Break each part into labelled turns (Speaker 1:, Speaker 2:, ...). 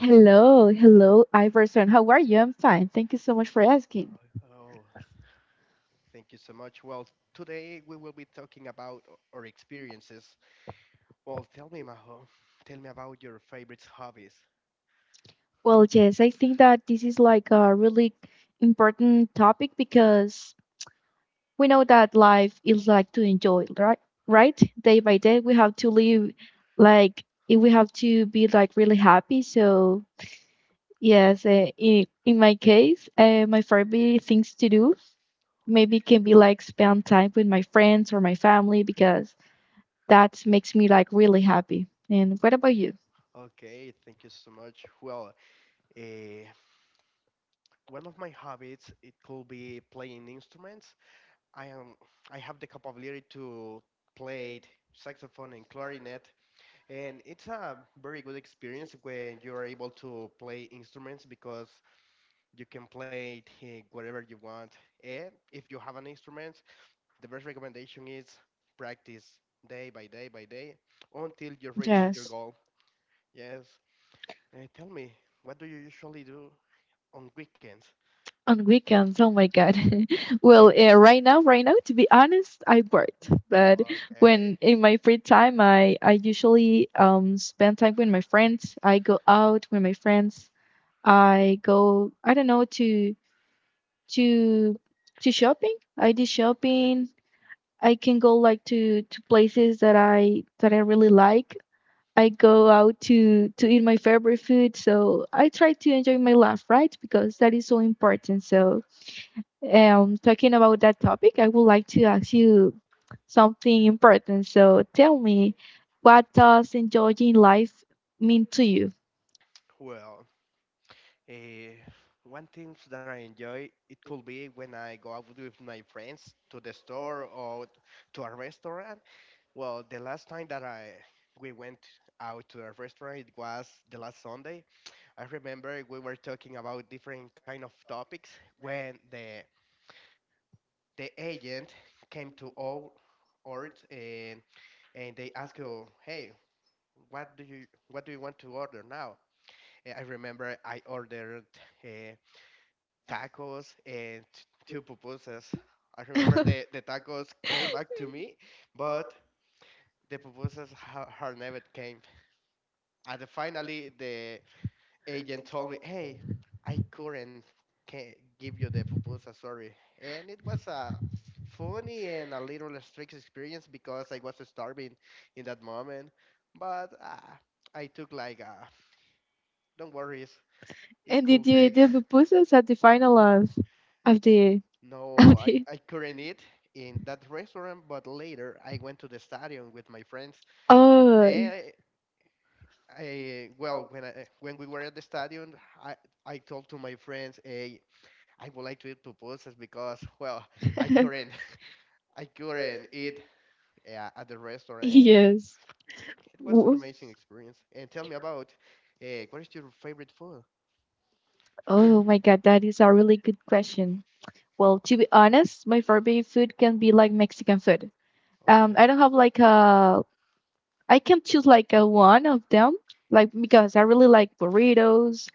Speaker 1: Hello, hello, Iverson. How are you? I'm fine. Thank you so much for asking. Well, yes, I think that this is like a really important topic because we know that life is like to enjoy, right? Right? Day by day, we have to live like if we have to be like really happy. So, yes, in my case, my favorite things to do maybe can be like spend time with my friends or my family because that makes me like really happy. And what about you? Yes, on weekends. Oh my God. Well, right now, to be honest, I worked. But when in my free time, I usually spend time with my friends. I go out with my friends. I go, I don't know, to to shopping. I do shopping. I can go like to places that I really like. I go out to eat my favorite food. So I try to enjoy my life, right? Because that is so important. So, talking about that topic, I would like to ask you something important. So tell me, what does enjoying life mean to you? And did you eat the pupusas at the final of the of the, oh, yes. W- Oh my God, that is a really good question. Well, to be honest, my favorite food can be like Mexican food. I don't have like a. I can choose like a one of them, like because I really like burritos.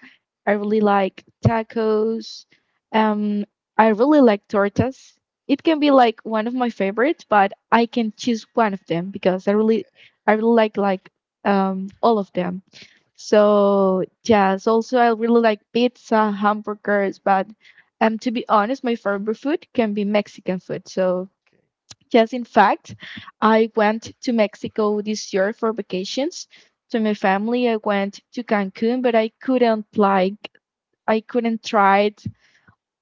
Speaker 1: I really like tacos. Um, I really like tortas. It can be like one of my favorites, but I can choose one of them because I really like like all of them. So yes, also I really like pizza, hamburgers, but to be honest, my favorite food can be Mexican food. So yes, in fact, I went to Mexico this year for vacations. To my family, I went to Cancun, but I couldn't try it,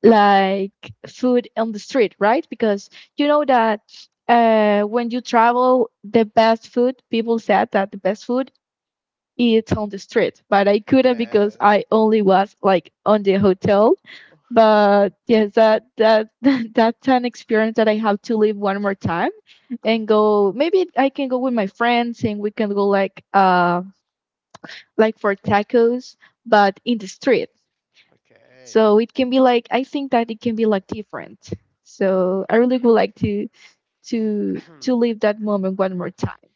Speaker 1: like food on the street, right? Because you know that when you travel, the best food people said that the best food is on the street, but I couldn't because I only was like on the hotel. But yes, that that that's an experience that I have to live one more time and go. Maybe I can go with my friends, and we can go like, like, for tacos, but in the street, so it can be like, I think that it can be like different. So I really would like to live that moment one more time.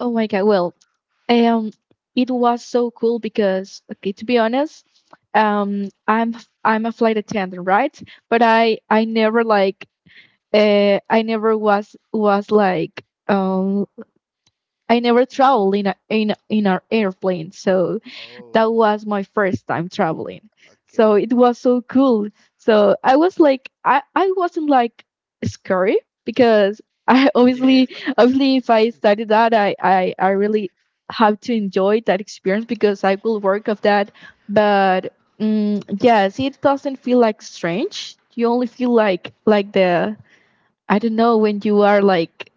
Speaker 1: Oh my God. Well, um it was so cool because, okay, to be honest, um i'm I'm a flight attendant, right? But I never like, I never was was like I never traveled in an airplane. So that was my first time traveling. So it was so cool. So I was like, I wasn't like scary because I, obviously, if I study that, I really have to enjoy that experience because I will work of that. But mm, yes, it doesn't feel like strange. You only feel like the I don't know, when you are like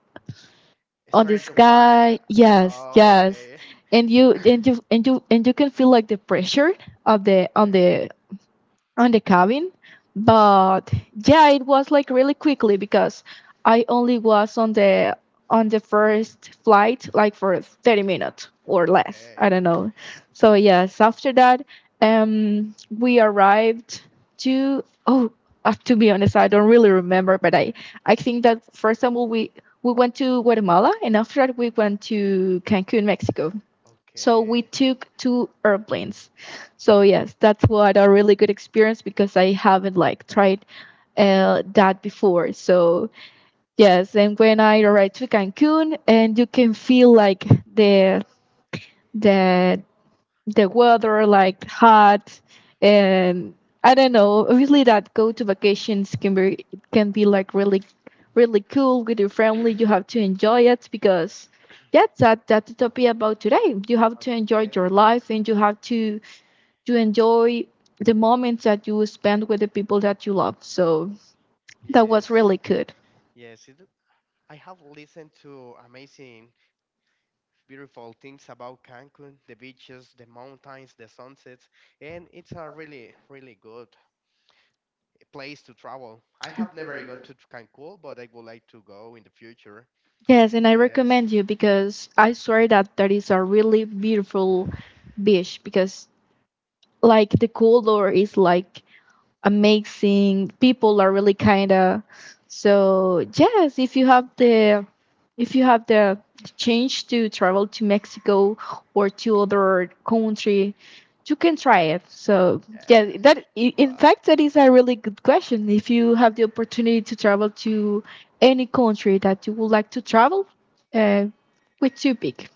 Speaker 1: on the sky. Yes, yes, and you can feel like the pressure of the on the on the cabin. But yeah, it was like really quickly because I only was on the first flight like for 30 minutes or less. I don't know. So yes, after that, we arrived to oh to be honest, I don't really remember, but I think that, for example, we went to Guatemala, and after that we went to Cancun, Mexico. So we took two airplanes. So yes, that's what a really good experience because I haven't like tried, that before. So yes, and when I arrived to Cancun, and you can feel like the the the weather like hot, and I don't know, obviously that go to vacations can be, like, really, really cool with your family. You have to enjoy it because that's, that's the topic about today. You have to enjoy your life, and you have to enjoy the moments that you spend with the people that you love. So that was really good. Yes, and I recommend you, because I swear that that is a really beautiful beach, because like the color is like amazing. People are really kind of, so yes, if you have the, if you have the chance to travel to Mexico or to other country, you can try it. So yeah, in fact, that is a really good question. If you have the opportunity to travel to any country that you would like to travel, uh, which you pick?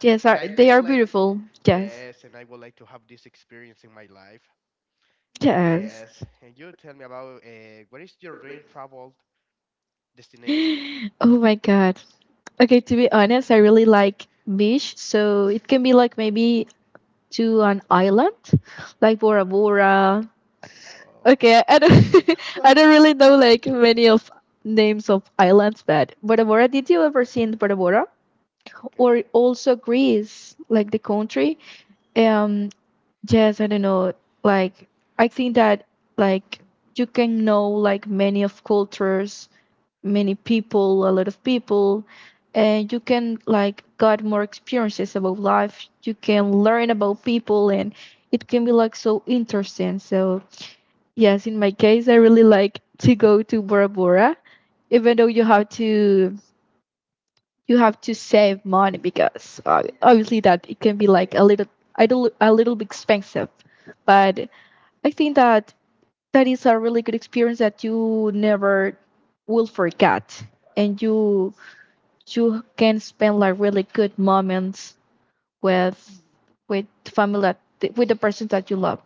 Speaker 1: Yes, are they are beautiful. Yes, yes. Oh my God. Okay, to be honest, I really like beach, so it can be like maybe to an island, like Bora Bora. Okay, I don't, I don't really know like many of names of islands, but Bora Bora. Did you ever see in Bora Bora? Or also Greece, like the country. Um, yes, I don't know. Like, I think that, like, you can know like many of cultures, many people, a lot of people, and you can like got more experiences about life. You can learn about people, and it can be like so interesting. So yes, in my case, I really like to go to Bora Bora, even though you have to save money because, obviously, that it can be like a little bit expensive, but I think that that is a really good experience that you never will forget, and you can spend like really good moments with with family, with the person that you love.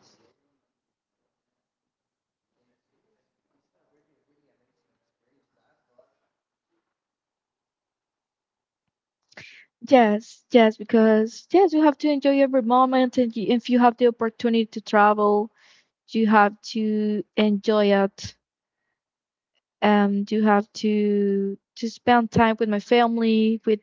Speaker 1: Yes, yes, because yes, you have to enjoy every moment, and you, if you have the opportunity to travel, you have to enjoy it. You have to spend time with my family, with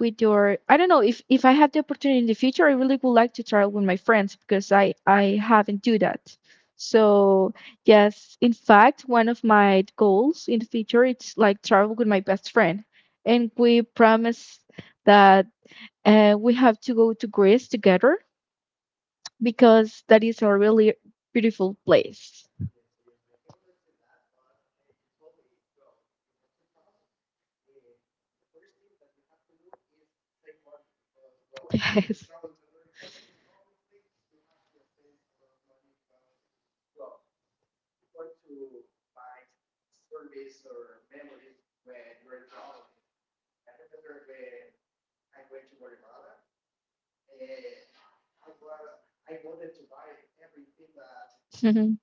Speaker 1: with your, I don't know, if I have the opportunity in the future, I really would like to travel with my friends because I haven't do that. So yes, in fact, one of my goals in the future, it's like travel with my best friend, and we promise that, we have to go to Greece together because that is a really beautiful place. Yes. Mhm.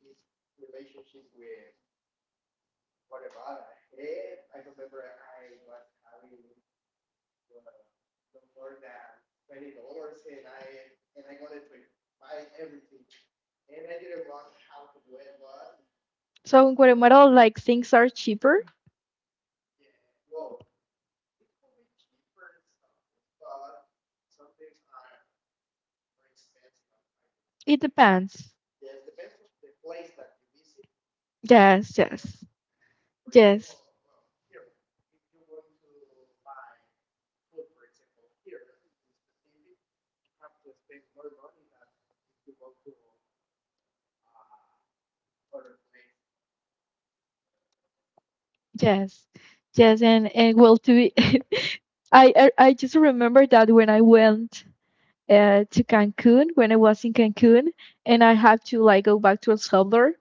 Speaker 1: So in Guatemala, like, things are cheaper. It depends. Yes, yes, yes. Yes, yes, and, well, to be, I just remember that when I went, to Cancun, when I was in Cancun, and I had to like go back to El Salvador,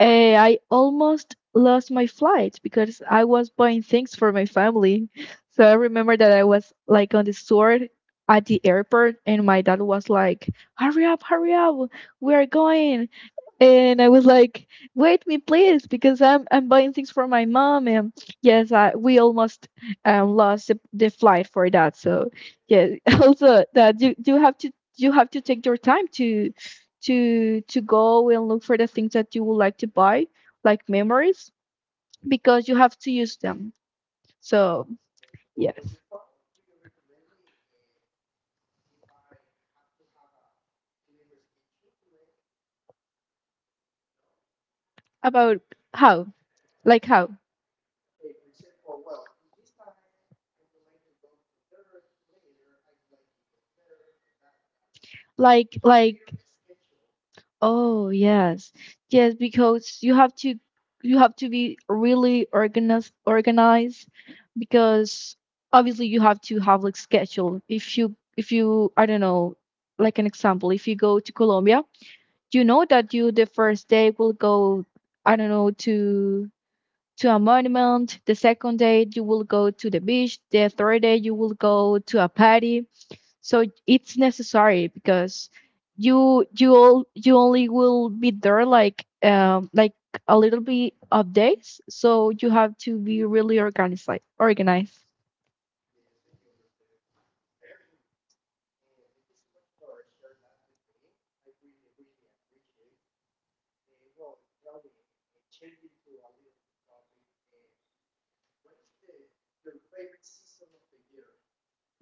Speaker 1: I almost lost my flight because I was buying things for my family. So I remember that I was like on the sword at the airport, and my dad was like, hurry up, we are going." And I was like, "Wait me, please, because I'm buying things for my mom." And yes, we almost, lost the flight for that. So yeah, also that you have to take your time to go and look for the things that you would like to buy, like memories, because you have to use them. So yes, about how, like how, like like oh, yes, yes, because you have to be really organized, because obviously you have to have like schedule. If you I don't know, like an example, if you go to Colombia, you know that you the first day will go, I don't know, to a monument, the second day you will go to the beach, the third day you will go to a party. So it's necessary because you only will be there like, like, a little bit of days, so you have to be really organized, like, organized.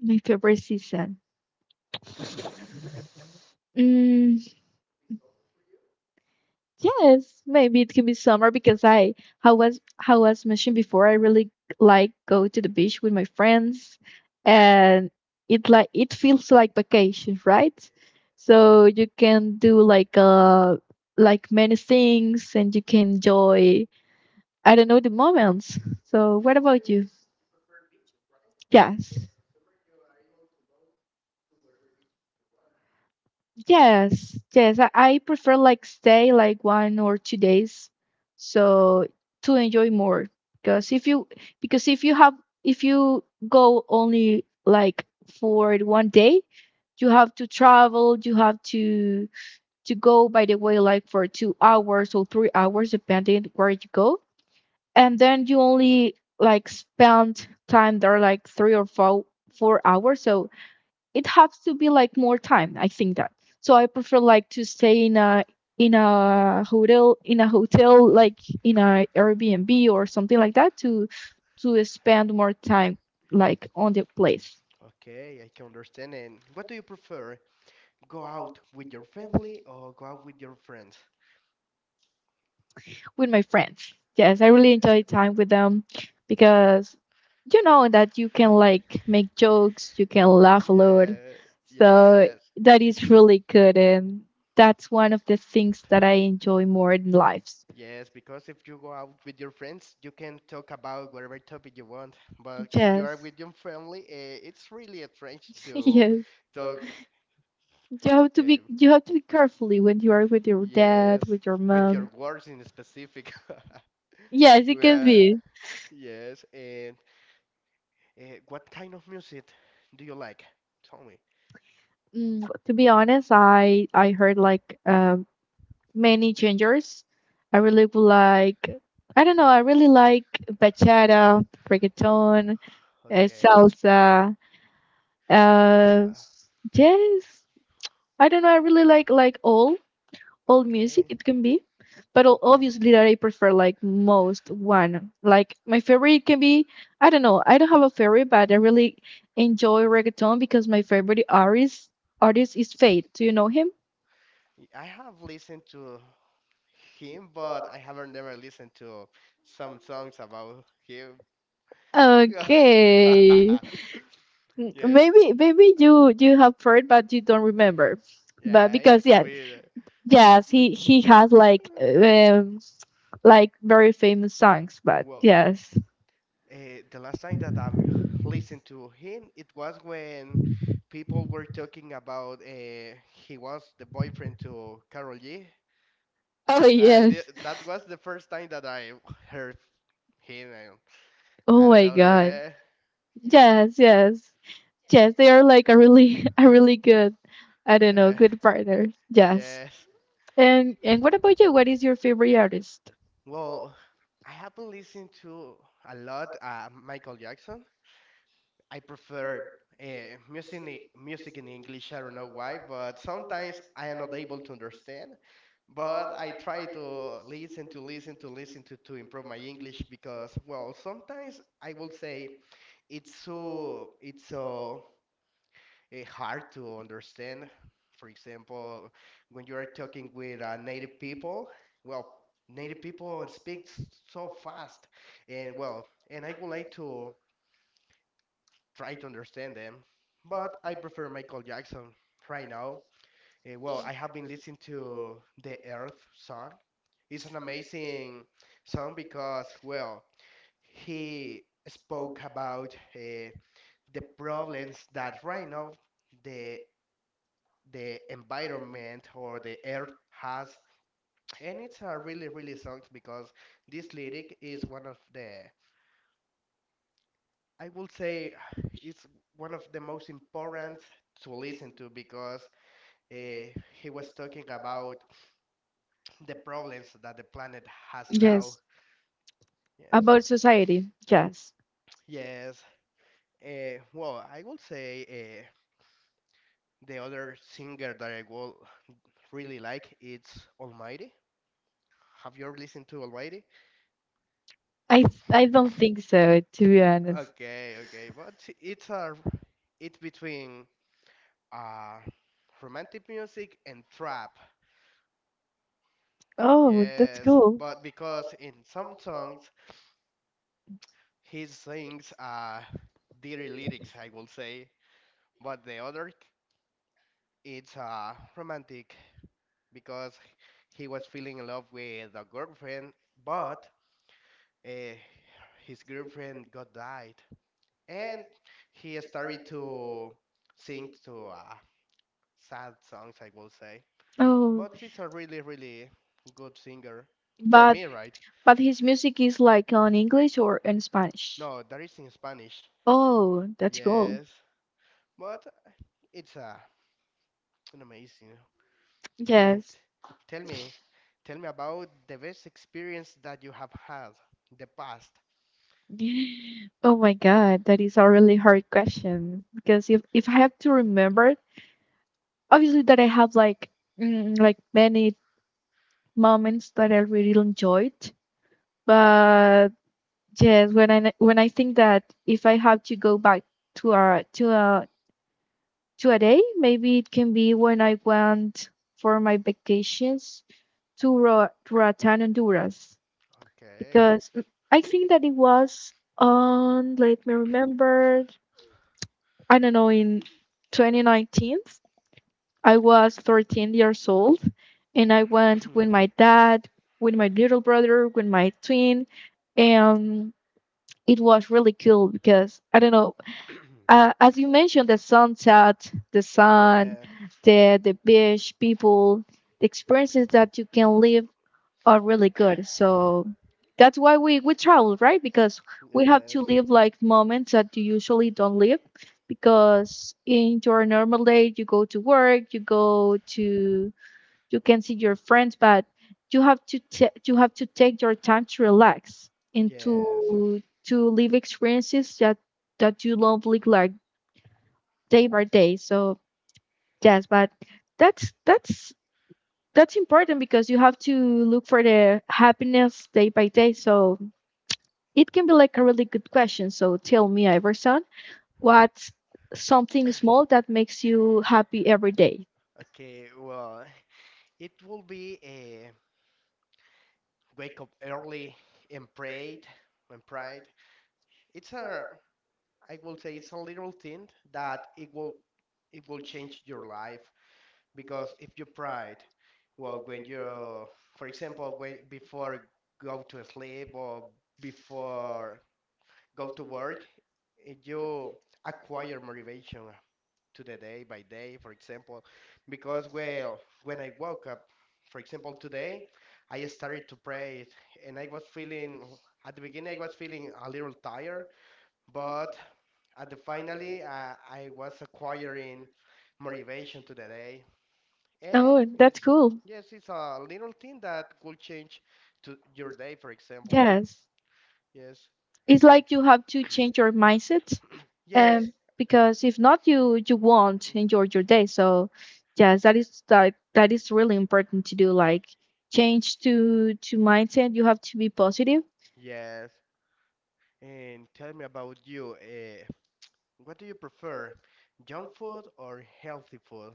Speaker 1: My favorite season? Yes, maybe it can be summer because I, how was mentioned before, I really like go to the beach with my friends, and it like it feels like vacation, right? So you can do like, like, many things, and you can enjoy, I don't know, the moments. So what about you? Yes. Yes, yes. I prefer like stay like 1 or 2 days so to enjoy more, because if you, because if you go only like for one day, you have to travel, you have to go by the way like for 2 hours or 3 hours depending where you go. And then you only like spend time there like 3 or 4 hours. So it has to be like more time I think that so I prefer like to stay in a hotel like in a Airbnb or something like that to spend more time like on the place
Speaker 2: Okay, I can understand. And what do you prefer? Go out with your family or go out with your friends?
Speaker 1: with my friends. Yes, I
Speaker 2: Okay.
Speaker 1: really enjoy time with them because you know that you can like make jokes, you can laugh a lot,
Speaker 2: Yeah,
Speaker 1: so
Speaker 2: yes,
Speaker 1: that is really good and that's one of the things that I enjoy more in life.
Speaker 2: yes, because if you go out with your friends, you can talk about whatever topic you want. But if you are
Speaker 1: Yes,
Speaker 2: with your family, it's really strange to
Speaker 1: yes.
Speaker 2: talk, um,
Speaker 1: You have to be carefully when you are with your
Speaker 2: yes,
Speaker 1: dad, with your
Speaker 2: with your
Speaker 1: mom.
Speaker 2: words in specific.
Speaker 1: Yes, it can
Speaker 2: Yeah,
Speaker 1: be.
Speaker 2: yes. And what kind of music do you like? Tell me.
Speaker 1: To be honest, I heard like many genres. I really would like, I don't know, I really like bachata, reggaeton,
Speaker 2: Okay,
Speaker 1: salsa.
Speaker 2: it's
Speaker 1: Uh yes. I don't know, I really like all. Old music
Speaker 2: Okay,
Speaker 1: it can be but
Speaker 2: okay.
Speaker 1: obviously that I prefer like most one. Like my favorite can be, I don't know, I don't have a favorite, but I really enjoy reggaeton because my favorite artist is Fade. Do you know him?
Speaker 2: I have listened to him, but I haven't never listened to some songs about him.
Speaker 1: Okay.
Speaker 2: Yeah,
Speaker 1: Maybe
Speaker 2: yeah,
Speaker 1: you have heard but you don't remember, but
Speaker 2: yeah. It
Speaker 1: because
Speaker 2: could
Speaker 1: yeah.
Speaker 2: be.
Speaker 1: Yes, he has like very famous songs, but
Speaker 2: Well,
Speaker 1: yes.
Speaker 2: uh, the last time that I've listened to him, it was when people were talking about he was the boyfriend to Carol G.
Speaker 1: Oh
Speaker 2: The,
Speaker 1: yes.
Speaker 2: that was the first time that I heard him.
Speaker 1: Oh
Speaker 2: I don't
Speaker 1: my
Speaker 2: know,
Speaker 1: God.
Speaker 2: yeah.
Speaker 1: Yes, yes. Yes, they are like a really a really good, I don't know,
Speaker 2: Yeah,
Speaker 1: good partners. Yes.
Speaker 2: yes.
Speaker 1: And what about you? What is your favorite artist?
Speaker 2: Well, I haven't listened to a lot Michael Jackson. I prefer uh, music in English. I don't know why, but sometimes I am not able to understand. But I try to listen to improve my English because, well, sometimes I will say it's so hard to understand. For example, when you are talking with native people, well, native people speak so fast, and well, and I would like to try to understand them, but I prefer Michael Jackson right now. Well, I have been listening to the Earth song. It's an amazing song because, well, he spoke about the problems that right now the the environment or the earth has and it's a really really song because this lyric is one of the I would say it's one of the most important to listen to because uh, he was talking about the problems that the planet has now,
Speaker 1: Yes.
Speaker 2: yes.
Speaker 1: About society. Yes.
Speaker 2: Yes. Well, I would say the other singer that I will really like it's Almighty. Have you ever listened to Almighty?
Speaker 1: I don't think so, to be honest.
Speaker 2: Okay, okay, but it's a it's between uh romantic music and trap.
Speaker 1: Oh, that's
Speaker 2: Yes,
Speaker 1: cool.
Speaker 2: but because in some songs he sings dirty lyrics, I will say, but the other it's romantic because he was feeling in love with a girlfriend, but uh, his girlfriend got died, and he started to sing to sad songs, I will say.
Speaker 1: Oh,
Speaker 2: But he's a really, really good singer. For
Speaker 1: but
Speaker 2: me, right?
Speaker 1: his music is like on English or in Spanish?
Speaker 2: No, that is in Spanish.
Speaker 1: Oh, that's cool.
Speaker 2: Yes, but it's an amazing. And
Speaker 1: Yes.
Speaker 2: tell me, tell me about the best experience that you have had in the past.
Speaker 1: Oh my God, that is a really hard question because if I have to remember it, obviously that I have like like many moments that I really enjoyed. But yes, when I think that, if I have to go back to a to a day, maybe it can be when I went for my vacations to to Roatán, Honduras,
Speaker 2: Okay.
Speaker 1: because I think that it was on, let me remember, I don't know, in 2019, I was 13 years old and I went with my dad, with my little brother, with my twin. And it was really cool because I don't know, as you mentioned, the sunset, the sun,
Speaker 2: Yeah,
Speaker 1: the beach, people, the experiences that you can live are really good. So that's why we travel, right? Because we have to
Speaker 2: yes,
Speaker 1: live like moments that you usually don't live. Because in your normal day, you go to work, you go to, you can see your friends, but you have to you have to take your time to relax and
Speaker 2: yes.
Speaker 1: to live experiences that you love like day by day. So yes, but that's that's important because you have to look for the happiness day by day. So it can be like a really good question. So tell me, Iverson, what's something small that makes you happy every day?
Speaker 2: Okay, well, it will be a wake up early and prayed and pride. It's a, I will say, it's a little thing that it will change your life because if you pride, well, for example, when before go to sleep or before go to work, you acquire motivation to the day by day, for example, because well, when I woke up, for example, today, I started to pray and I was feeling, at the beginning, I was feeling a little tired, but at the finally, I was acquiring motivation to the day, and
Speaker 1: Oh, that's
Speaker 2: it's
Speaker 1: cool.
Speaker 2: yes, it's a little thing that could change to your day, for example.
Speaker 1: Yes.
Speaker 2: Yes,
Speaker 1: It's
Speaker 2: eh,
Speaker 1: like you have to change your mindset.
Speaker 2: yes,
Speaker 1: Um, because if not, you won't enjoy your day. So yes, that is that is really important to do. Like change to mindset. You have to be positive.
Speaker 2: yes. And tell me about you. What do you prefer, junk food or healthy food?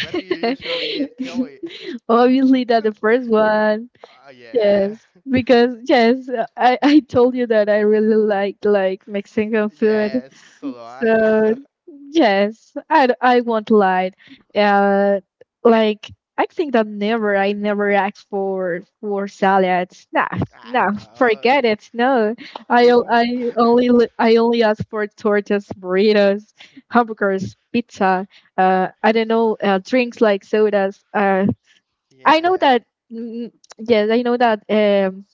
Speaker 2: What do you usually eat? Tell me.
Speaker 1: Obviously, that the first one.
Speaker 2: Oh yeah,
Speaker 1: Yes, because yes, I told you that I really like Mexican food.
Speaker 2: yes. So do I.
Speaker 1: So yes, I won't lie. Uh, like I think that never, I never asked for salads. Nah,
Speaker 2: I
Speaker 1: nah,
Speaker 2: know
Speaker 1: forget it. No,
Speaker 2: people.
Speaker 1: I only I only ask for tortas, burritos, hamburgers, pizza, I don't know, drinks like sodas. I know
Speaker 2: Yeah.
Speaker 1: that, mm, yes, I know that,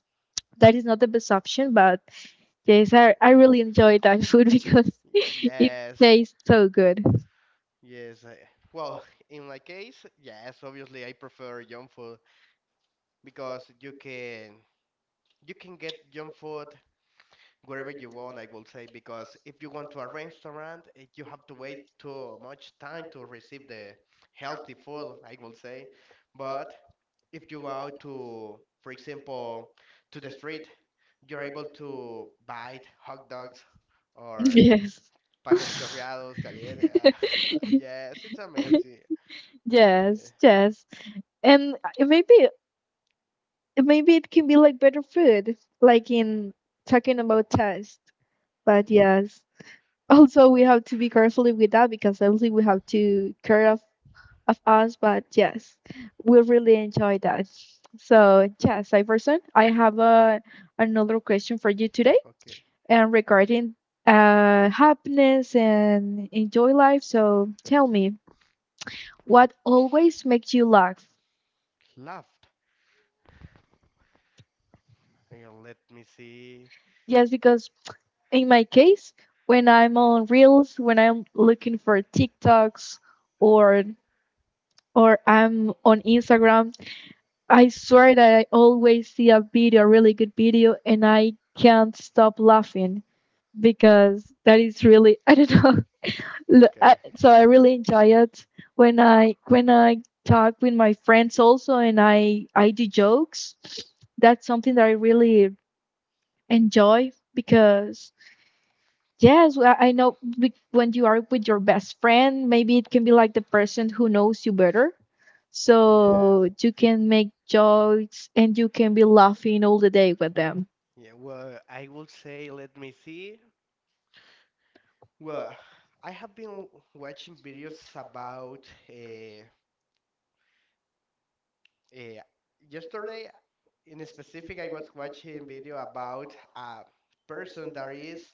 Speaker 1: that is not the best option, but yes, I really enjoy that food because it
Speaker 2: Yes.
Speaker 1: tastes so good.
Speaker 2: Yes. Well, in my case, yes. Obviously, I prefer junk food because you can get junk food wherever you want. I will say because if you want to a restaurant, you have to wait too much time to receive the healthy food. I will say, but if you go out to, for example, to the street, you're able to buy hot dogs. Or
Speaker 1: Yes.
Speaker 2: panes chorreados, caliente. Yes, it's amazing. Yeah,
Speaker 1: Yes, yes. And maybe it can be like better food, like in talking about taste.
Speaker 2: yeah,
Speaker 1: But yes, also we have to be carefully with that because obviously we have to care of us, but yes, we really enjoy that. So yes, Iverson, I have a, another question for you today
Speaker 2: okay.
Speaker 1: and regarding happiness and enjoy life. So tell me, what always makes you laugh?
Speaker 2: Loved. Yeah, let me see.
Speaker 1: Yes, because in my case, when I'm on Reels, when I'm looking for TikToks, or I'm on Instagram, I swear that I always see a video, a really good video, and I can't stop laughing because that is really I don't know.
Speaker 2: Okay,
Speaker 1: So I really enjoy it when I talk with my friends also, and I do jokes. That's something that I really enjoy because yes, well, I know when you are with your best friend, maybe it can be like the person who knows you better.
Speaker 2: yes.
Speaker 1: So you can make jokes and you can be laughing all the day with them.
Speaker 2: Yeah, well, I would say, let me see. Well, I have been watching videos about uh, uh, yesterday in specific, I was watching video about a person that is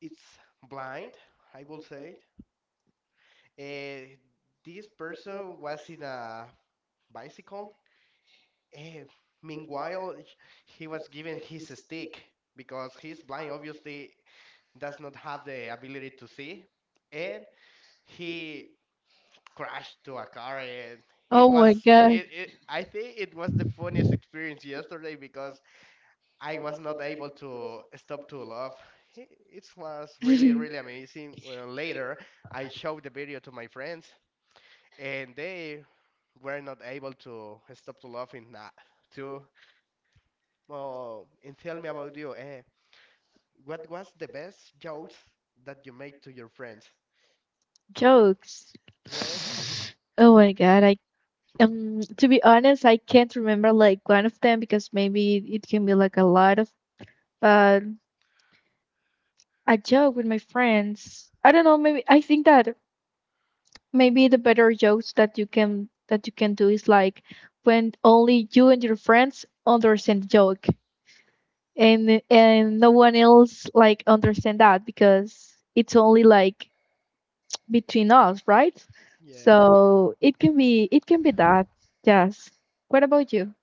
Speaker 2: it's blind, I will say. Uh, this person was in a bicycle. And meanwhile, he was given his stick because he's blind, obviously, does not have the ability to see. And he crashed to a car, and it
Speaker 1: Oh my
Speaker 2: was,
Speaker 1: God.
Speaker 2: it, I think it was the funniest experience yesterday because I was not able to stop to laugh. It was really, really amazing. Well, later, I showed the video to my friends, and they were not able to stop to laughing that too. Oh, and tell me about you. What was the best jokes that you made to your friends?
Speaker 1: Jokes. Oh my God, I, to be honest, I can't remember like one of them because maybe it can be like a lot of, but I joke with my friends. I don't know, maybe I think that maybe the better jokes that you can do is like when only you and your friends understand the joke, and no one else like understand that because it's only like between us, right? So it can be that. Yes, what about you?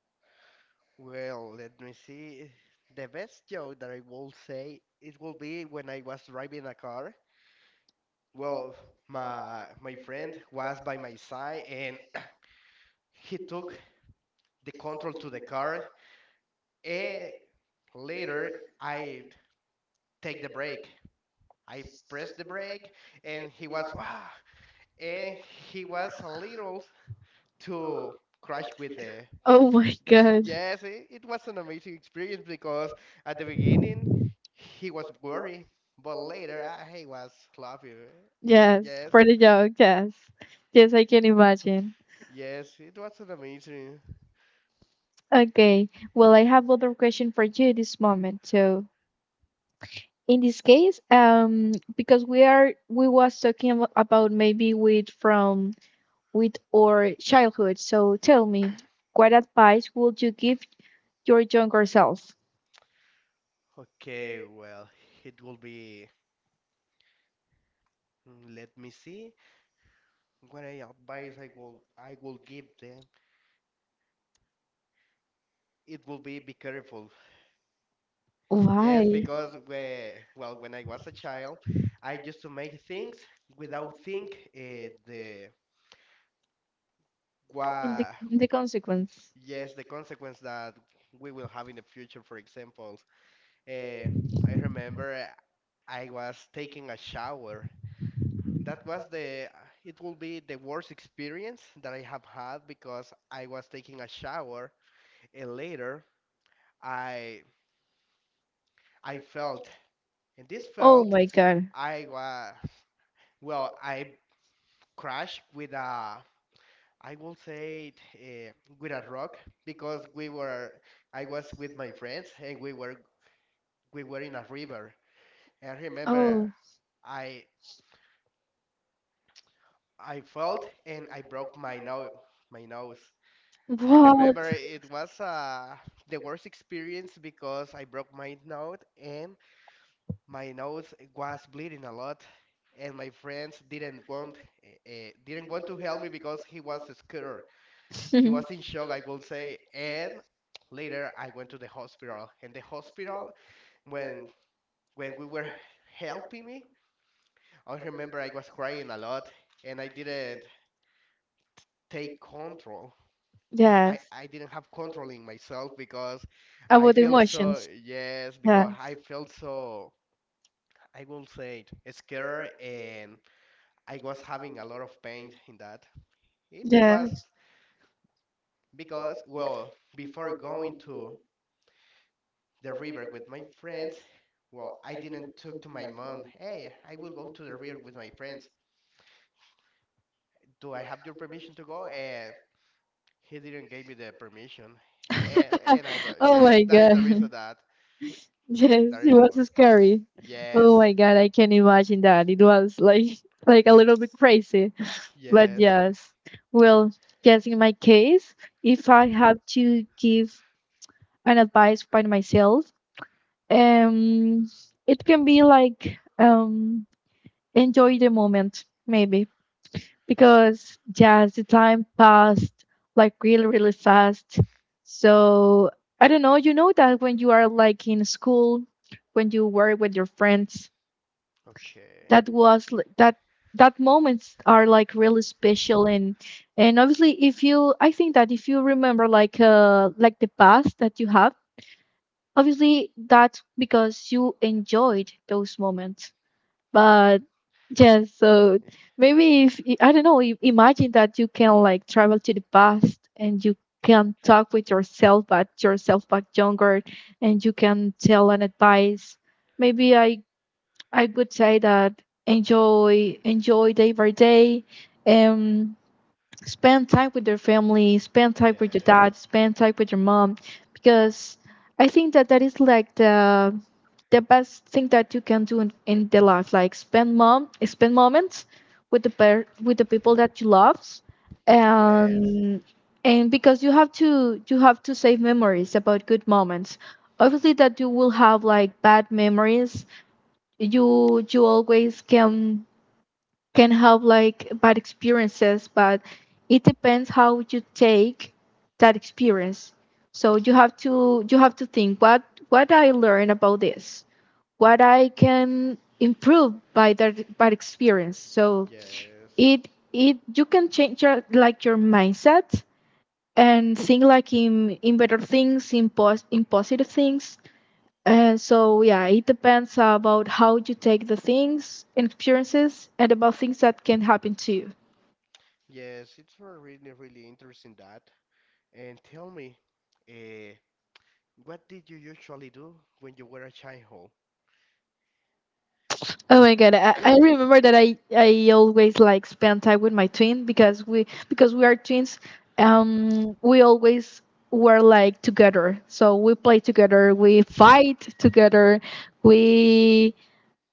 Speaker 1: Oh, my God. Yes, for the joke. Yes, yes, I can imagine. Okay, well, I have other question for you this moment. So in this case, because we was talking about, maybe with, from with our childhood, so tell me, what advice would you give your younger self? Why? In the consequence. Oh my God. Oh, what? Yes, about the emotions. Yes. Yes. Oh my God. Yes, it was scary. Oh my God, I can imagine that. It was like like a little bit crazy. But yes, well, guess in my case, if I have to give an advice by myself, um it can be like, enjoy the moment, maybe. Because just the time passed like really fast. So I don't know, you know that when you are like in school, when you were with your friends, that was that moments are like really special. And obviously if you, I think that if you remember like the past that you have, obviously that's because you enjoyed those moments. But yes, so maybe if I don't know, imagine that you can like travel to the past and you can talk with yourself, but yourself back younger, and you can tell an advice. Maybe I would say that enjoy day by day, um, spend time with your family, spend time with your dad, spend time with your mom, because I think that that is like the best thing that you can do in the life. Like spend mom, spend moments with the with the people that you love. And because you have to, you have to save memories about good moments. Obviously that you will have like bad memories, you always can have like bad experiences, but it depends how you take that experience. So you have to, you have to think what I learned about this, what I can improve by that, by experience. So it you can change your, like your mindset and think like in better things, in positive things. And so yeah, it depends about how you take the things and experiences and about things that can happen to you. Oh my God, I remember that I always like spend time with my twin because we are twins. We always were like together. So we play together, we fight together, we,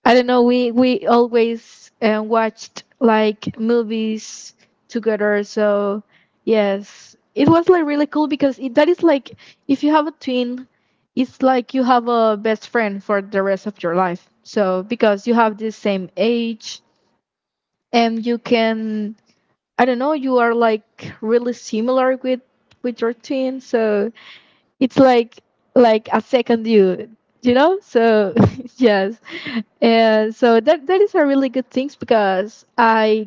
Speaker 1: I don't know, we always, watched like movies together. So yes, it was like really cool because it, that is like if you have a twin, it's like you have a best friend for the rest of your life. So because you have the same age and you can, I don't know, you are like really similar with your twin. So it's like a second you, you know? So yes. And so that is a really good things because I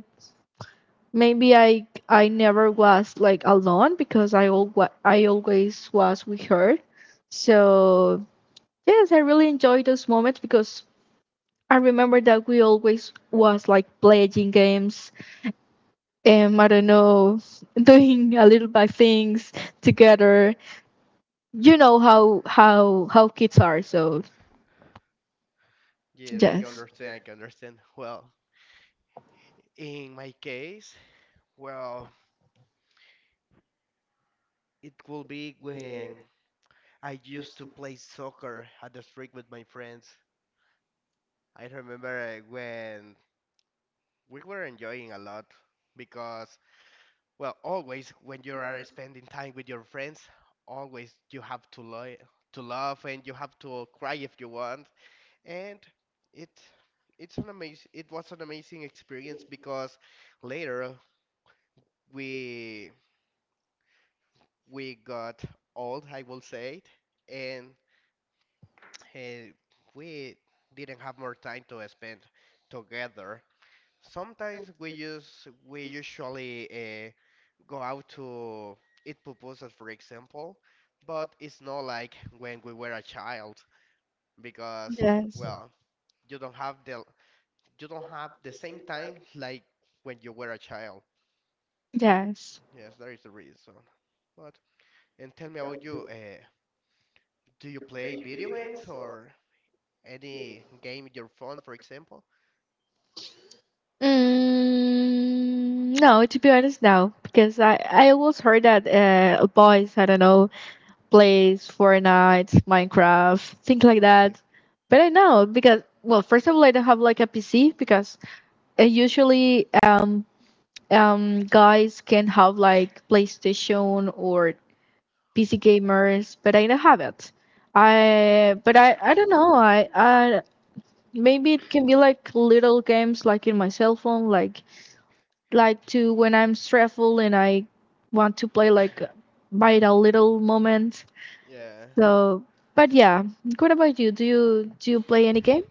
Speaker 1: maybe I never was like alone because I I always was with her. So yes, I really enjoy those moments because I remember that we always was like playing games and I don't know, doing a little bit things together, you know how kids are. So yes. Yes. Yes. No, to be honest, no, because I always heard that boys, I don't know, plays Fortnite, Minecraft, things like that. But I know because well, first of all, I don't have like a PC because usually guys can have like PlayStation or PC gamers, but I don't have it. I but I don't know. I Maybe it can be like little games like in my cell phone, like to when I'm stressful and I want to play like by the little moment. So but yeah. What about you? Do you play any game?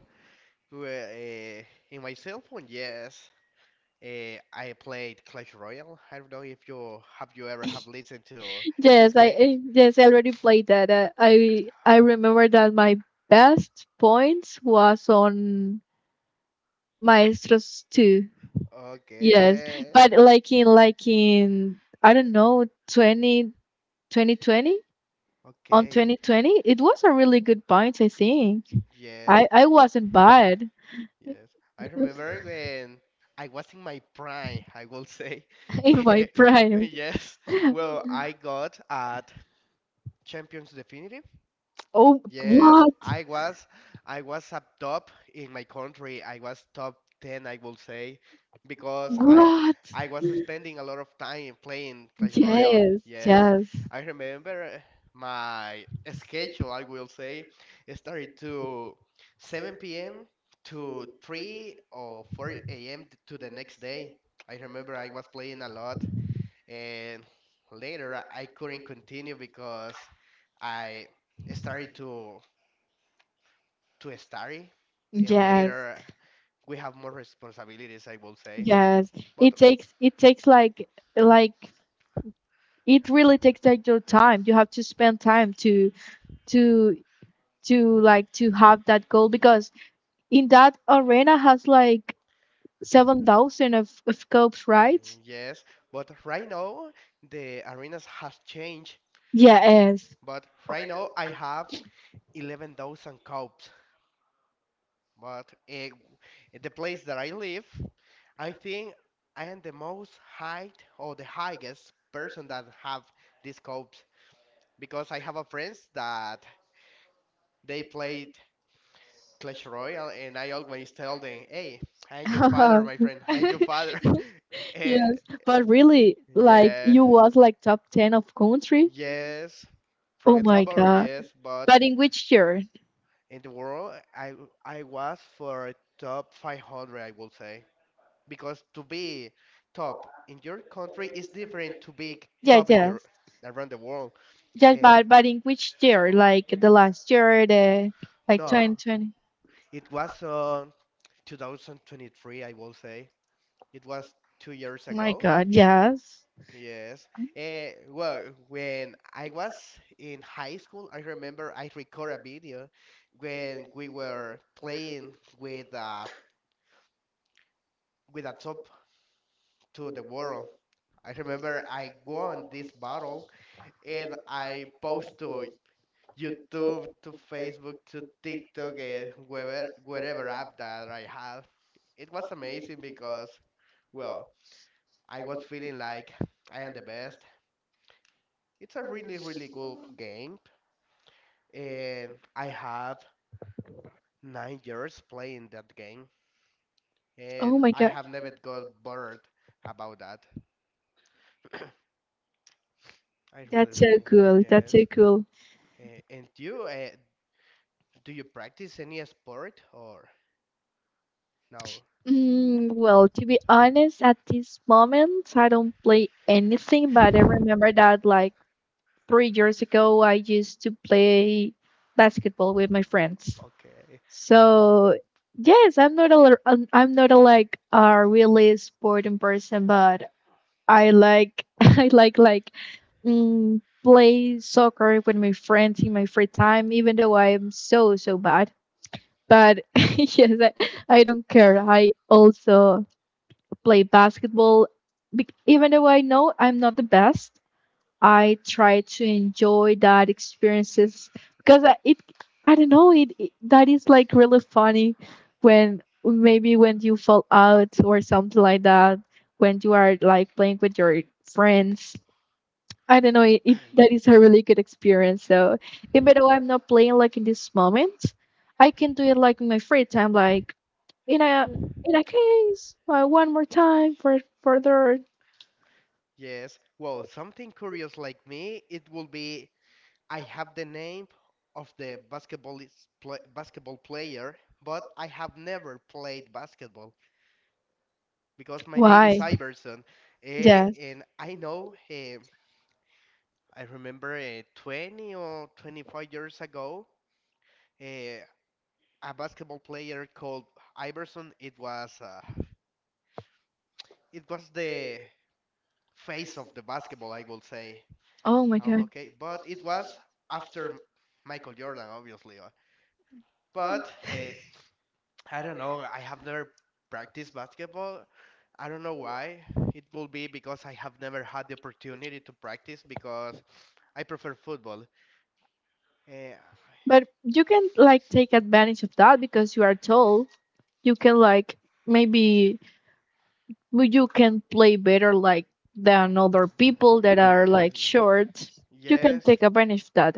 Speaker 1: Yes, yes, I already played that. I remember that my best points was on Maestros 2. Yes, but like in I don't know twenty twenty twenty. On 2020 it was a really good point. I think I wasn't bad in my prime. Oh, what yes yes, yes, yes, it takes, it takes like it really takes like your time. You have to spend time to to like to have that goal because in that arena has like 7,000 of scopes, right? Yes. Yes, but really, like you was like top 10 of country. Oh my God. But in which year? Yeah, yes. Yeah, but in which year? Like the last year, the like 2020. Oh my God, yes. Oh my God. That's so cool. That's so cool. Well, to be honest, at this moment, I don't play anything, but I remember that like 3 years ago, I used to play basketball with my friends. So, yes, I'm not a like a really sporting person, but I like I like play soccer with my friends in my free time, even though I am so so bad. But yes, I don't care. I also play basketball. Even though I know I'm not the best, I try to enjoy that experiences because I don't know, it that is like really funny when maybe when you fall out or something like that when you are like playing with your friends. I don't know, it that is a really good experience. So even though I'm not playing like in this moment, I can do it like in my free time, like in a case one more time. For further, why? Yes. Oh my God, but you can like take advantage of that because you are told. You can like maybe, well, you can play better like than other people that are like short. You can take advantage of that.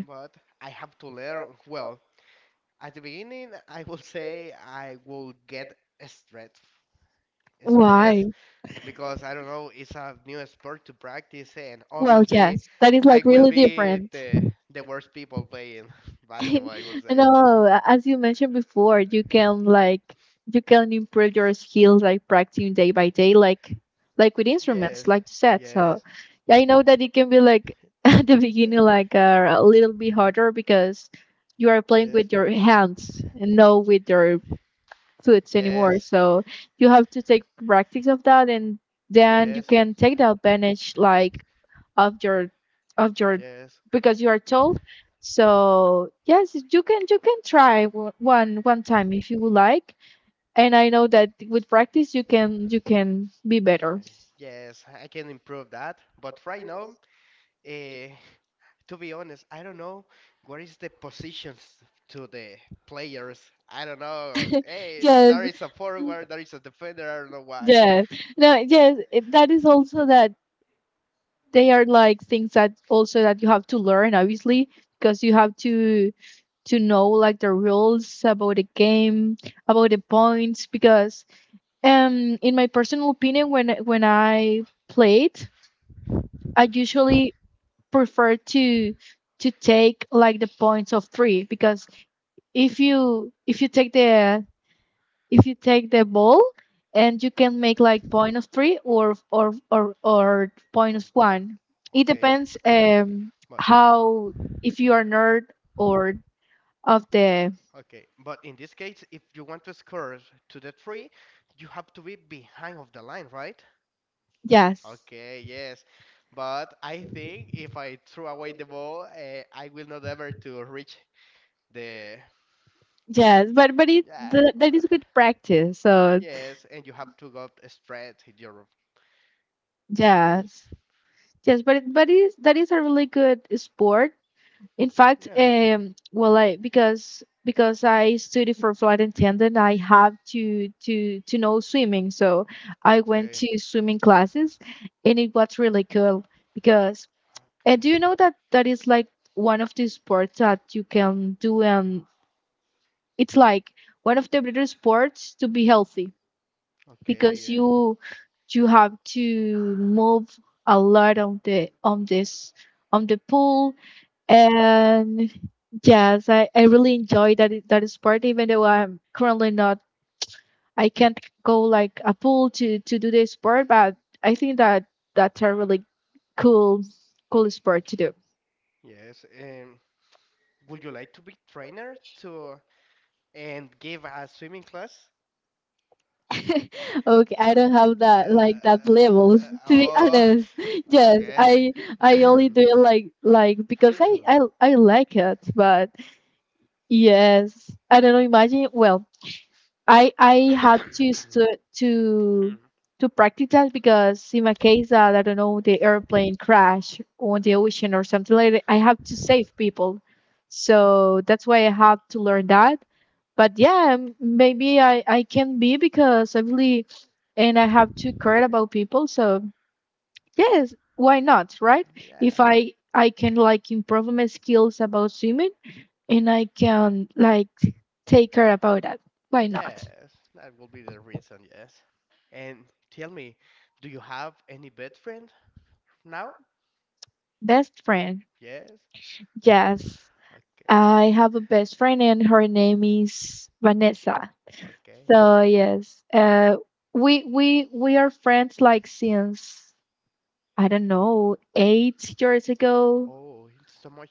Speaker 1: Why? Well, yes, that is like really different. no, as you mentioned before, you can like you can improve your skills like practicing day by day, like with instruments, like you said. So yeah, I know that it can be like at the beginning like a little bit harder because you are playing with your hands and no with your foot anymore. So you have to take practice of that, and then you can take the advantage like of your of your because you are told. So yes, you can, you can try one time if you would like, and I know that with practice you can, you can be better. Yes. Yes. No, yes, that is also that they are like things that also that you have to learn obviously because you have to know like the rules about the game, about the points because In my personal opinion, when I played, I usually prefer to take like the points of three because if you take the, if you take the ball and you can make like point of three or point of one, it depends how, if you are nerd or of the. Yes, yes, but it that is good practice. So yes. Yes, but it, but is that is a really good sport. In fact, well, I because I study for flight attendant, I have to know swimming. So I went to swimming classes, and it was really cool because. And do you know that that is like one of the sports that you can do, and it's like one of the better sports to be healthy because you have to move a lot on the on the pool. And yes, I really enjoy that, that sport, even though I'm currently not, I can't go like a pool to do the sport. But I think that that's a really cool cool sport to do. okay, I don't have that like that level to be honest. Yes, I only do it like because I like it, but yes, I don't know. Imagine, well, I had to stu- to practice that because in my case that I don't know the airplane crash on the ocean or something like that, I have to save people, so that's why I have to learn that. But yeah, maybe I can be because I really, and I have to care about people. So yes, why not? Right? If I can like improve my skills about swimming and I can like take care about that, why not? Best friend? Yes, I have a best friend, and her name is Vanessa. So yes, we are friends like since I don't know 8 years ago.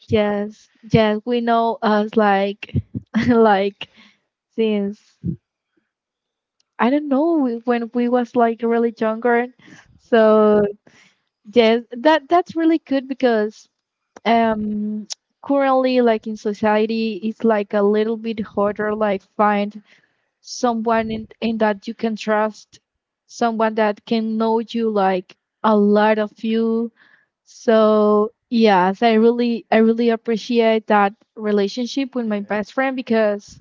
Speaker 1: Yes, yes, we know us like like since I don't know when we was like really younger. So yes, that that's really good because um currently like in society it's like a little bit harder like find someone in that you can trust, someone that can know you like a lot of you. So yes, I really appreciate that relationship with my best friend because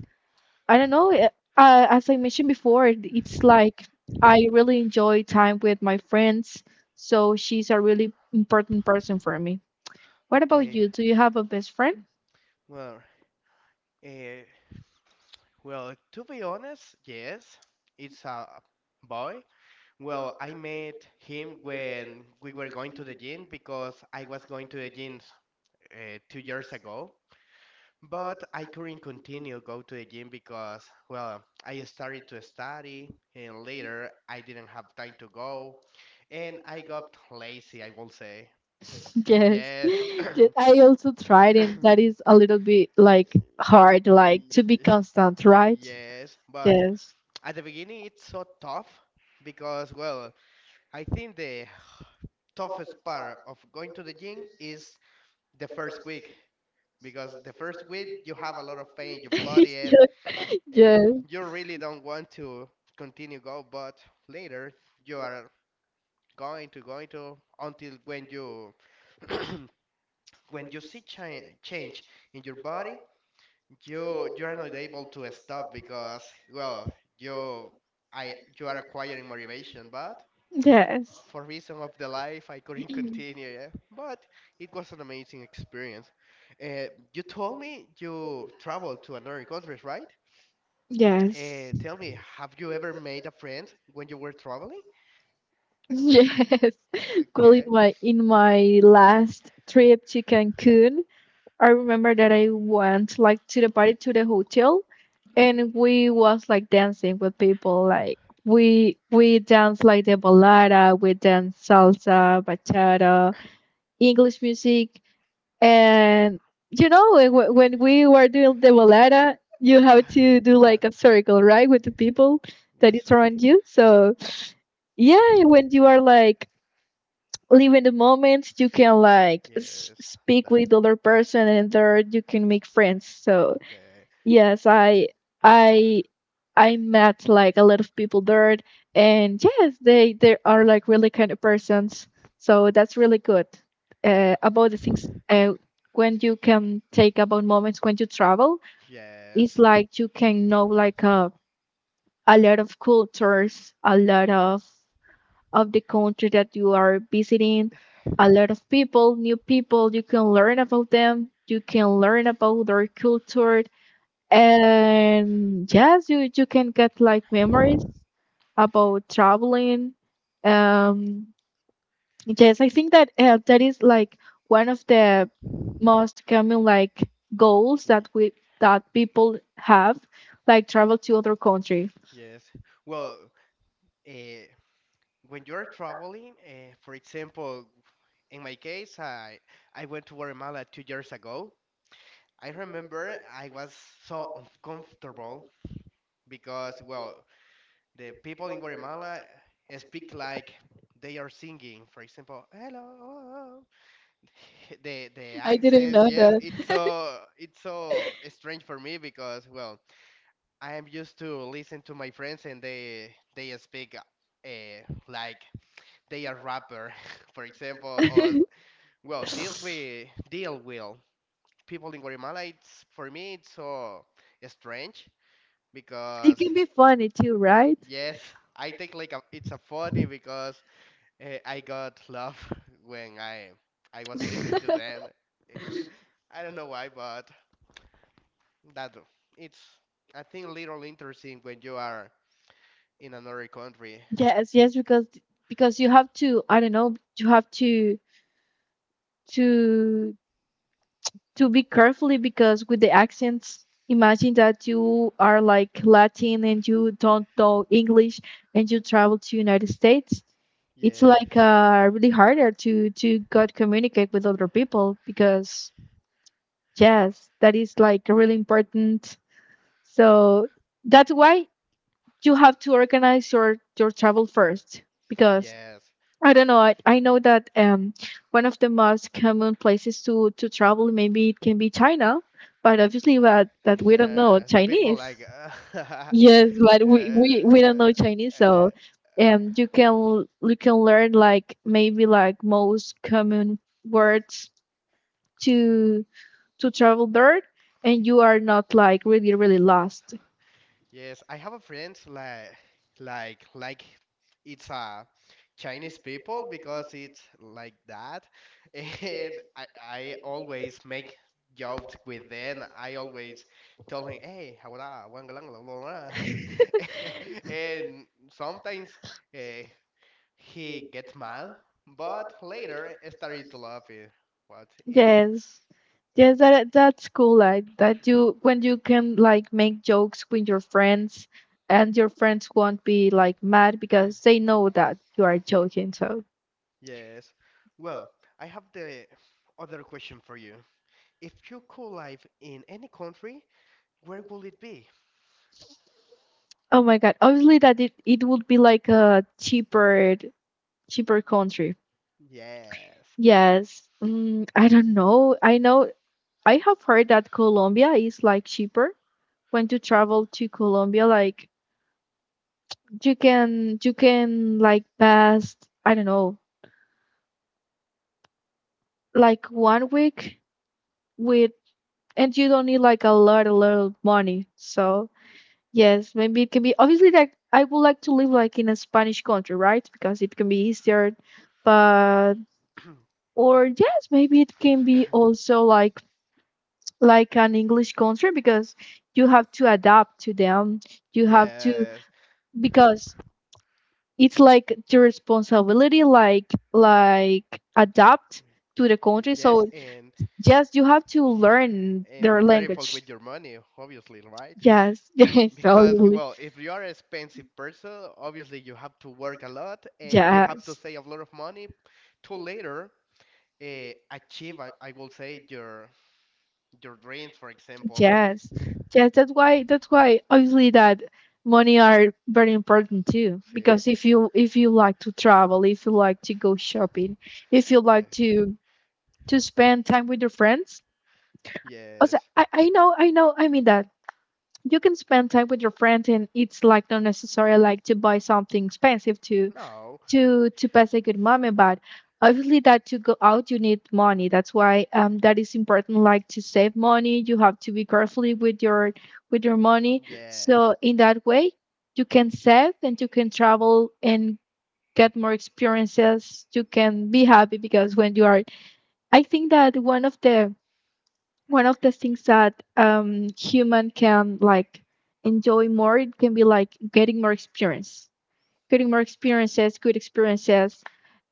Speaker 1: I don't know, as I mentioned before, it's like I really enjoy time with my friends. So she's a really important person for me. What about you? Do you have a best friend? Yes. Yes, I also tried, and that is a little bit like hard, like to be constant, right? Yes. Yes. Yes. Yes. Yes. Yes. Well, in my last trip to Cancun, I remember that I went like to the party to the hotel, and we was like dancing with people. Like we danced like the balada, we danced salsa, bachata, English music. And you know when when we were doing the balada, you have to do like a circle, right, with the people that is around you. So yeah, when you are like live in the moment, you can like speak with other person, and third, you can make friends. So yes, i I met like a lot of people there, and yes, they are like really kind of persons. So that's really good. About the things when you can take about moments when you travel, it's like you can know like a lot of cultures, a lot of the country that you are visiting. A lot of people, new people, you can learn about them, you can learn about their culture, and yes, you can get like memories about traveling. Um, yes, I think that that is like one of the most common like goals that we that people have, like travel to other country. I didn't know that. It can be funny too, right? Yes, yes, because you have to, I don't know, you have to to be carefully because with the accents, imagine that you are like Latin and you don't know English and you travel to United States. It's like really harder to got communicate with other people because yes, that is like really important. So that's why you have to organize your travel first, because I don't know. I know that one of the most common places to travel maybe it can be China, but obviously that that we don't know Chinese. Yes, but we don't know Chinese, so you can learn like maybe like most common words to travel there, and you are not like really really lost. Yes. Yes, that that's cool. Like that you when you can like make jokes with your friends, and your friends won't be like mad because they know that you are joking. So oh my God. Obviously that it would be like a cheaper country. Yes. I don't know. I know I have heard that Colombia is like cheaper when you travel to Colombia, like you can like pass I don't know like one week with and you don't need like a lot of money. So yes, maybe it can be obviously like I would like to live like in a Spanish country, right? Because it can be easier. But or yes, maybe it can be also like an English country because you have to adapt to them. You have to, because it's like your responsibility like adapt to the country. So yes, you have to learn their language. Yes, yes, totally. Yes, yes, yes. That's why. That's why. Obviously, that money are very important too. Because if you like to travel, if you like to go shopping, if you like to spend time with your friends. Also, I know I mean that you can spend time with your friends and it's like not necessarily like to buy something expensive to pass a good moment. But obviously that to go out you need money. That's why that is important, like to save money. You have to be careful with your money, so in that way you can save and you can travel and get more experiences. You can be happy because when you are, I think that one of the things that human can like enjoy more, it can be like getting more experiences, good experiences,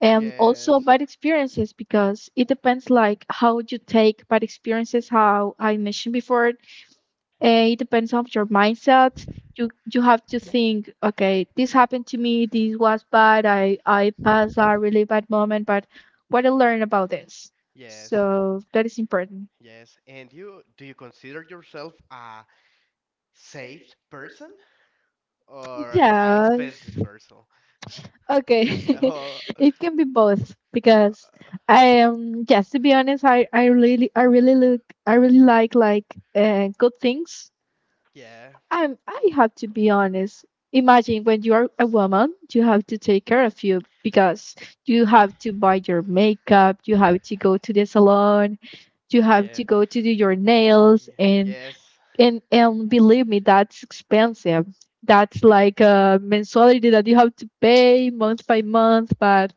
Speaker 1: and also bad experiences, because it depends like how you take bad experiences. How I mentioned before, it depends on your mindset. You have to think, okay, this happened to me. This was bad. I passed a really bad moment, but what I learned about this. So that is important. Yeah. Okay, it can be both because I am. Yes, to be honest, I really like good things. I have to be honest. Imagine, when you are a woman, you have to take care of you because you have to buy your makeup, you have to go to the salon, you have to go to do your nails, and and believe me, that's expensive. That's like a mensuality that you have to pay month by month. But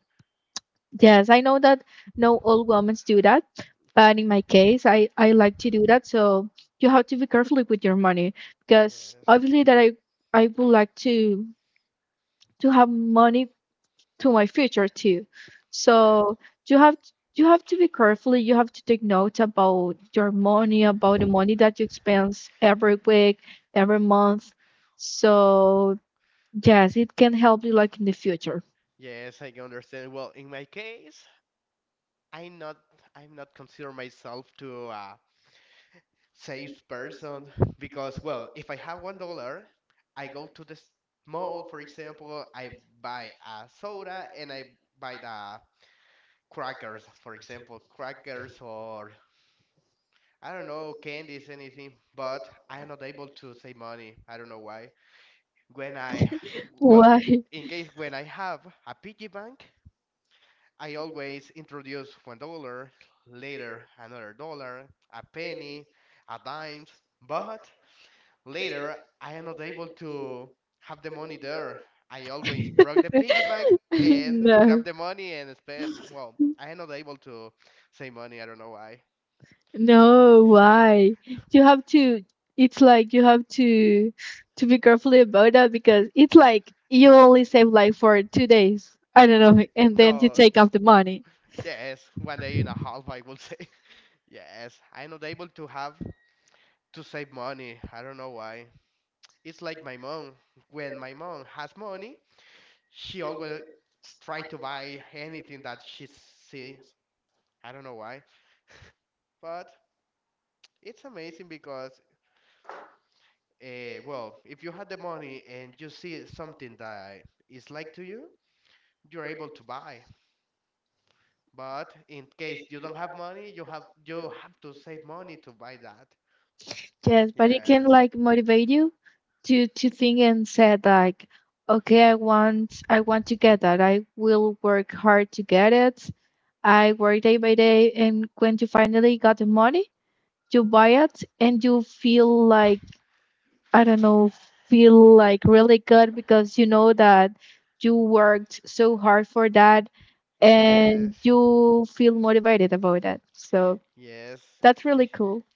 Speaker 1: yes, I know that no all women do that, but in my case I like to do that. So you have to be careful with your money because obviously that I would like to have money to my future too. So you have you have to be careful. You have to take note about your money, about the money that you expense every week, every month. So yes, it can help you like in the future. Why? No. No, why? You have to, it's like you have to be careful about that because it's like you only save like for two days. I don't know, and then you take out the money. Yes, but it can like motivate you to think and say like, okay, I want to get that. I will work hard to get it. I work day by day, and when you finally got the money, you buy it, and you feel like, I don't know, feel like really good because you know that you worked so hard for that, and you feel motivated about that. So that's really cool.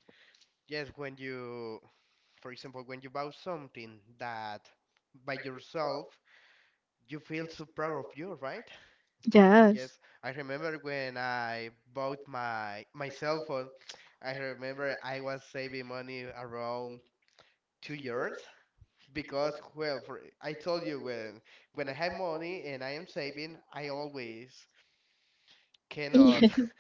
Speaker 1: Yes. Yes.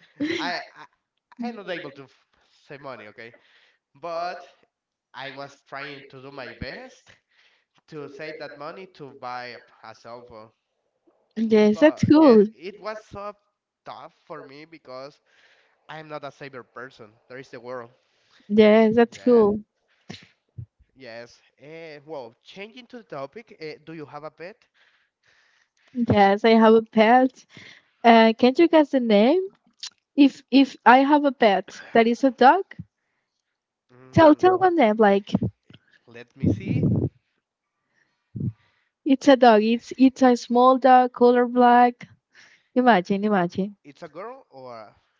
Speaker 1: Yes, that's cool. Yes, that's cool. Yes, I have a pet. Can't you guess the name? If I have a pet that is a dog, tell the name. Like, it's a dog. It's a small dog, color black. Imagine, imagine.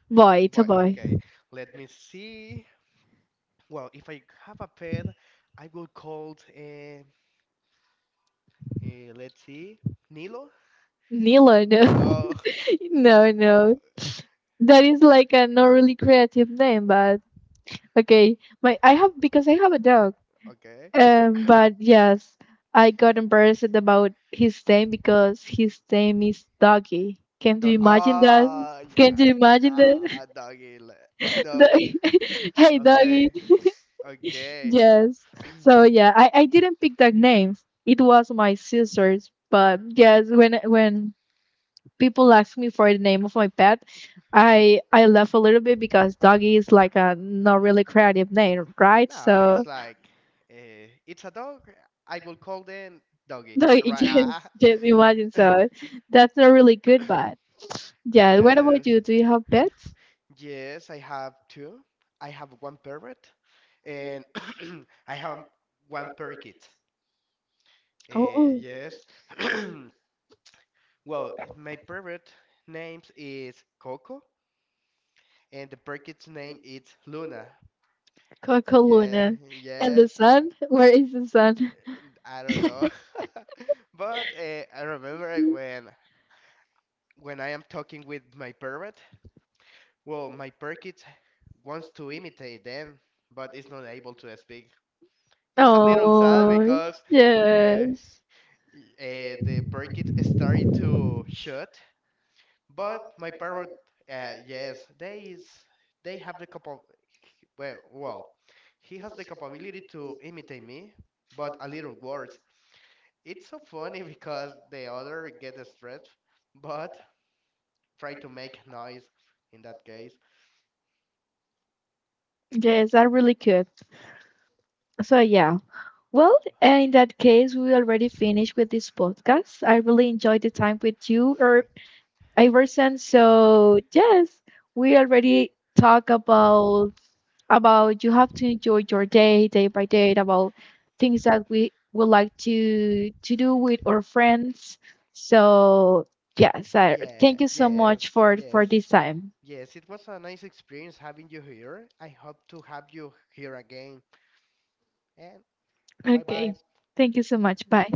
Speaker 1: Boy, it's a boy. Nilo, no, no, no. That is like a not really creative name, but okay. My I have because I have a dog. But yes, I got embarrassed about his name because his name is Doggy. Can you imagine that? Can you imagine that? Hey, Doggy. Yes. So yeah, I didn't pick that name. It was my sister's. But yes, when people ask me for the name of my pet, I laugh a little bit because doggy is like a not really creative name, right? So no, yes, yes, imagine so. That's a really good one. Yeah, what about you? Do you have pets? Oh, Coco Luna. And the sun? Where is the sun? Oh, yes. Yes, that really good. So, yeah. Well, in that case, we already finished with this podcast. I really enjoyed the time with you, Or. Iverson. So yes, we already talk about you have to enjoy your day day by day, about things that we would like to do with our friends. So yes, I, thank you so much for this time. Okay, thank you so much. Bye.